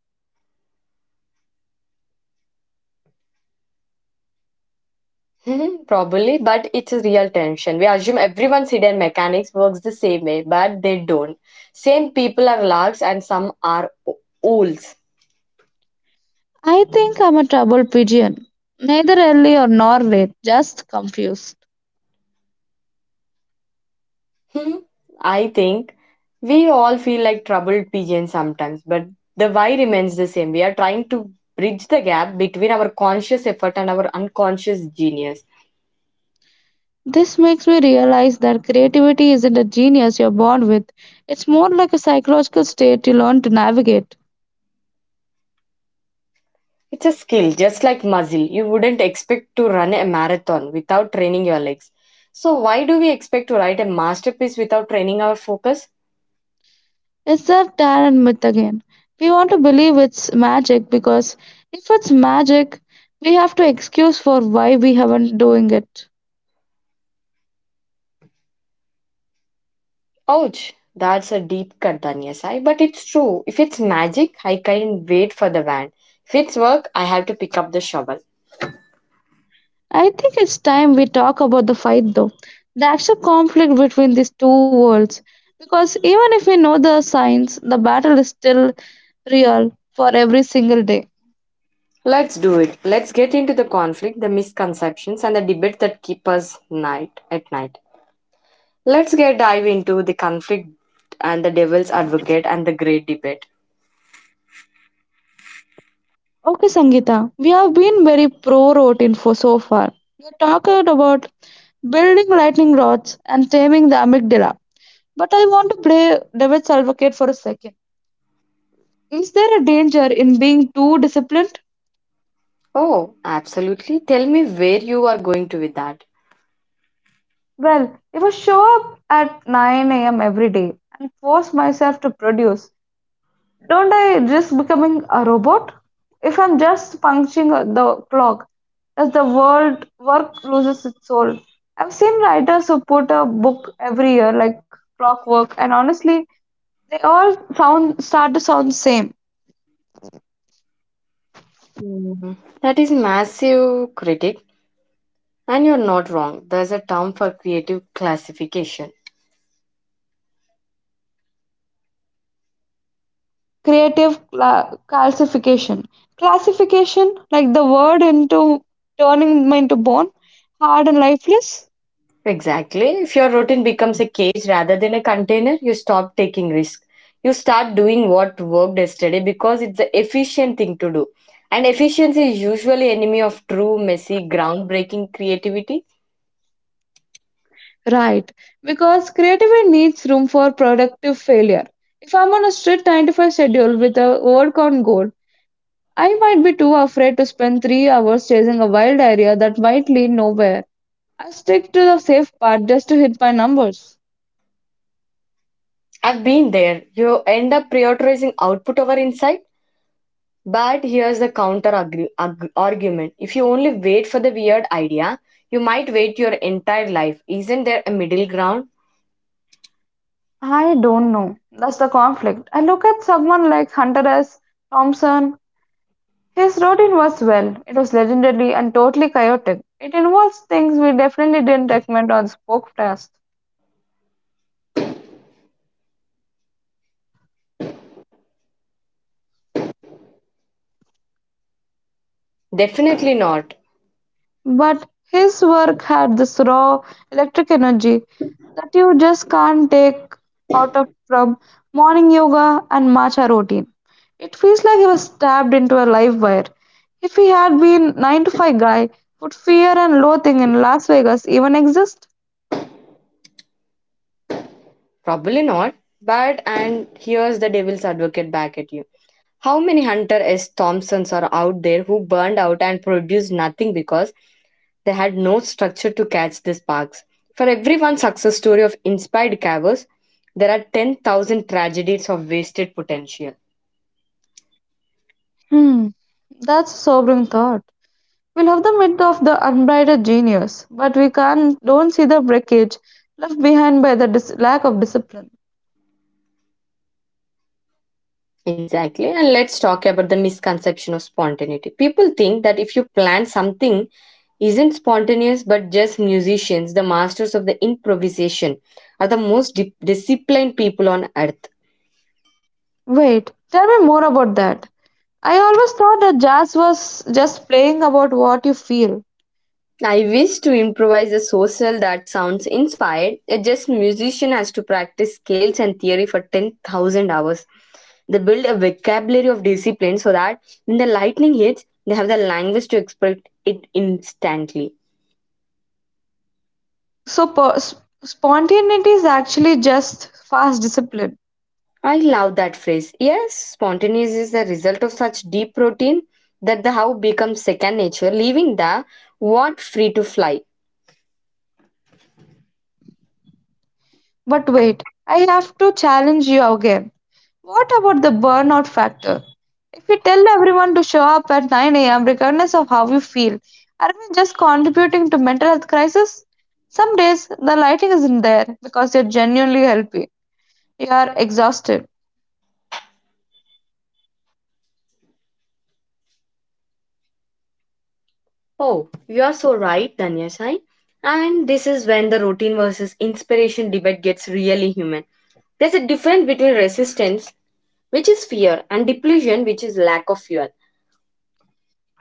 Mhm, probably, but it's a real tension. We assume everyone's hidden mechanics works the same way, but they don't. Same people are larks and some are owls.
I think I'm a trouble pigeon. Neither early or nor late, just confused.
Hmm, I think we all feel like troubled pigeons sometimes, but the why remains the same. We are trying to bridge the gap between our conscious effort and our unconscious genius.
This makes me realize that creativity isn't a genius you're born with. It's more like a psychological state you learn to navigate.
It's a skill, just like muscle. You wouldn't expect to run a marathon without training your legs. So, why do we expect to write a masterpiece without training our focus?
It's that Tarot myth again. We want to believe it's magic because if it's magic, we have to excuse for why we haven't doing it.
Ouch, that's a deep cut, Danyasai. But it's true. If it's magic, I can wait for the van. If it's work, I have to pick up the shovel.
I think it's time we talk about the fight though. The actual conflict between these two worlds. Because even if we know the signs, the battle is still real for every single day.
Let's do it. Let's get into the conflict, the misconceptions, and the debate that keep us night at night. Let's get dive into the conflict and the devil's advocate and the great debate.
Okay, Sangeeta, we have been very pro routine for so far. You talked about building lightning rods and taming the amygdala. But I want to play devil's advocate for a second. Is there a danger in being too disciplined?
Oh, absolutely. Tell me where you are going to with that.
Well, if I show up at 9 a.m. every day and force myself to produce, don't I risk becoming a robot? If I'm just punching the clock, does the world work loses its soul. I've seen writers who put a book every year, like clockwork, and honestly, they all sound start to sound the same.
Mhm. That is massive critic, and you're not wrong. There's a term for creative classification.
Creative calcification. Classification, like the word into turning them into bone, hard and lifeless?
Exactly. If your routine becomes a cage rather than a container, you stop taking risk. You start doing what worked yesterday because it's the efficient thing to do. And efficiency is usually enemy of true, messy, groundbreaking creativity.
Right, because creativity needs room for productive failure. If I'm on a strict 9 to 5 schedule with a work on goal, I might be too afraid to spend 3 hours chasing a wild area that might lead nowhere. I stick to the safe part just to hit my numbers.
I've been there. You end up prioritizing output over insight. But here's the counter argument. If you only wait for the weird idea, you might wait your entire life. Isn't there a middle ground?
I don't know. That's the conflict. I look at someone like Hunter S. Thompson. His routine was, well, it was legendary and totally chaotic. It involves things we definitely didn't recommend on Spokecast.
Definitely not.
But his work had this raw electric energy that you just can't take out of from morning yoga and matcha routine. It feels like he was stabbed into a live wire. If he had been 9 to 5 guy, would fear and loathing in Las Vegas even exist?
Probably not. But and here's the devil's advocate back at you. How many Hunter S. Thompsons are out there who burned out and produced nothing because they had no structure to catch the sparks? For every one success story of inspired cavers, there are 10,000 tragedies of wasted potential.
Hmm, that's a sobering thought. We love the myth of the unbridled genius, but we can't don't see the wreckage left behind by the lack of discipline.
Exactly. And let's talk about the misconception of spontaneity. People think that if you plan something isn't spontaneous but just musicians, the masters of the improvisation, are the most disciplined people on earth.
Wait, tell me more about that. I always thought that jazz was just playing about what you feel.
I wish to improvise a social that sounds inspired. A just musician has to practice scales and theory for 10,000 hours. They build a vocabulary of discipline so that when the lightning hits, they have the language to express it instantly.
So spontaneity is actually just fast discipline.
I love that phrase. Yes, spontaneous is the result of such deep routine that the how becomes second nature, leaving the what free to fly.
But wait, I have to challenge you again. What about the burnout factor? If you tell everyone to show up at 9 a.m., regardless of how you feel, are we just contributing to mental health crisis? Some days the lighting isn't there because you're genuinely healthy. You are exhausted.
Oh, you are so right, Danya. And this is when the routine versus inspiration debate gets really human. There's a difference between resistance, which is fear, and depletion, which is lack of fuel.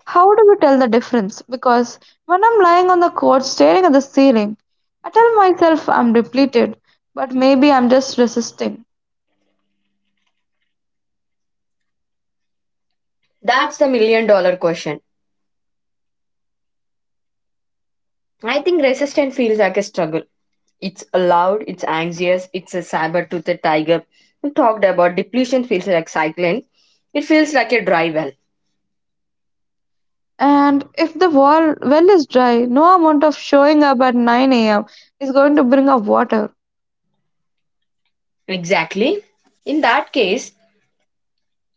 How do we tell the difference? Because when I'm lying on the couch staring at the ceiling, I tell myself I'm depleted, but maybe I'm just resisting.
That's the million-dollar question. I think resistance feels like a struggle. It's loud, it's anxious, it's a saber-toothed tiger. We talked about depletion feels like cycling. It feels like a dry well.
And if the wall well is dry, no amount of showing up at 9 a.m. is going to bring up water.
Exactly. In that case,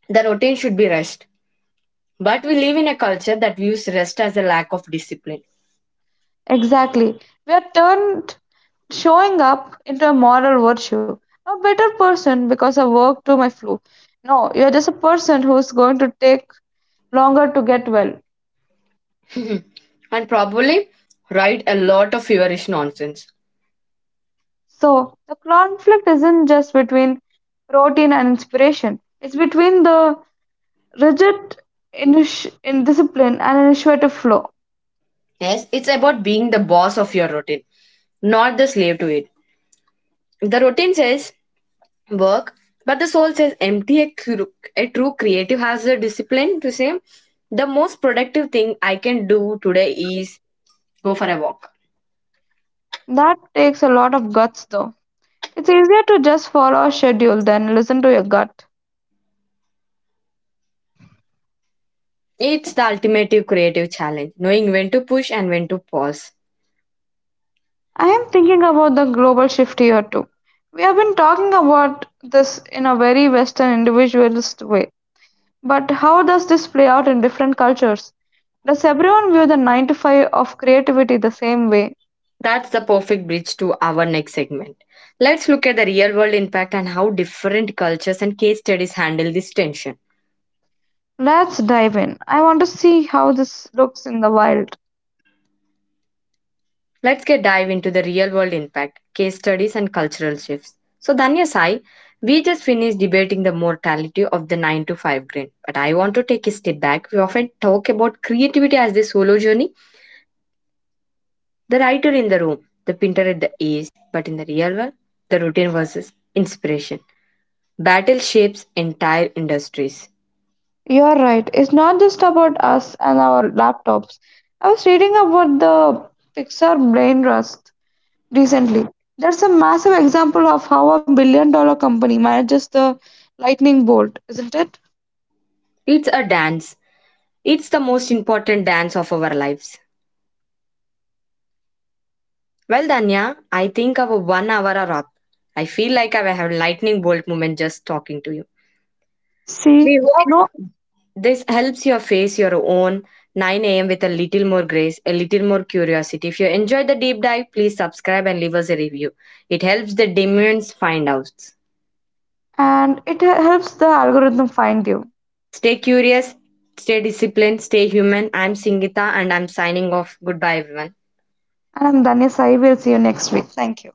the routine should be rest. But we live in a culture that views rest as a lack of discipline.
Exactly. We are turned showing up into a moral virtue. I'm a better person because I worked through my flu. No, you're just a person who's going to take longer to get well.
And probably write a lot of feverish nonsense.
So the conflict isn't just between routine and inspiration. It's between the rigid in discipline and initiative flow.
Yes, it's about being the boss of your routine, not the slave to it. The routine says work, but the soul says empty. A, a true creative has the discipline to say, the most productive thing I can do today is go for a walk.
That takes a lot of guts though. It's easier to just follow a schedule than listen to your gut.
It's the ultimate creative challenge, knowing when to push and when to pause.
I am thinking about the global shift here too. We have been talking about this in a very Western individualist way, but how does this play out in different cultures? Does everyone view the 9 to 5 of creativity the same way?
That's the perfect bridge to our next segment. Let's look at the real world impact and how different cultures and case studies handle this tension.
Let's dive in. I want to see how this looks in the wild.
Let's get dive into the real world impact, case studies, and cultural shifts. So, Danya Sai, we just finished debating the mortality of the 9 to 5 grind, but I want to take a step back. We often talk about creativity as the solo journey, the writer in the room, the painter at the ease, but in the real world, the routine versus inspiration. Battle shapes entire industries.
You're right, it's not just about us and our laptops. I was reading about the Pixar brain rust recently. That's a massive example of how a $1 billion company manages the lightning bolt, isn't it?
It's a dance, it's the most important dance of our lives. Well, Danya, I think our 1 hour are up. I feel like I have a lightning bolt moment just talking to you.
See,
We
no,
hope this helps you face your own 9 a.m. with a little more grace, a little more curiosity. If you enjoyed the deep dive, please subscribe and leave us a review. It helps the demons find out.
and it helps the algorithm find you.
Stay curious, stay disciplined, stay human. I'm Singita and I'm signing off. Goodbye, everyone.
And I'm Danya Sai. We'll see you next week. Thank you.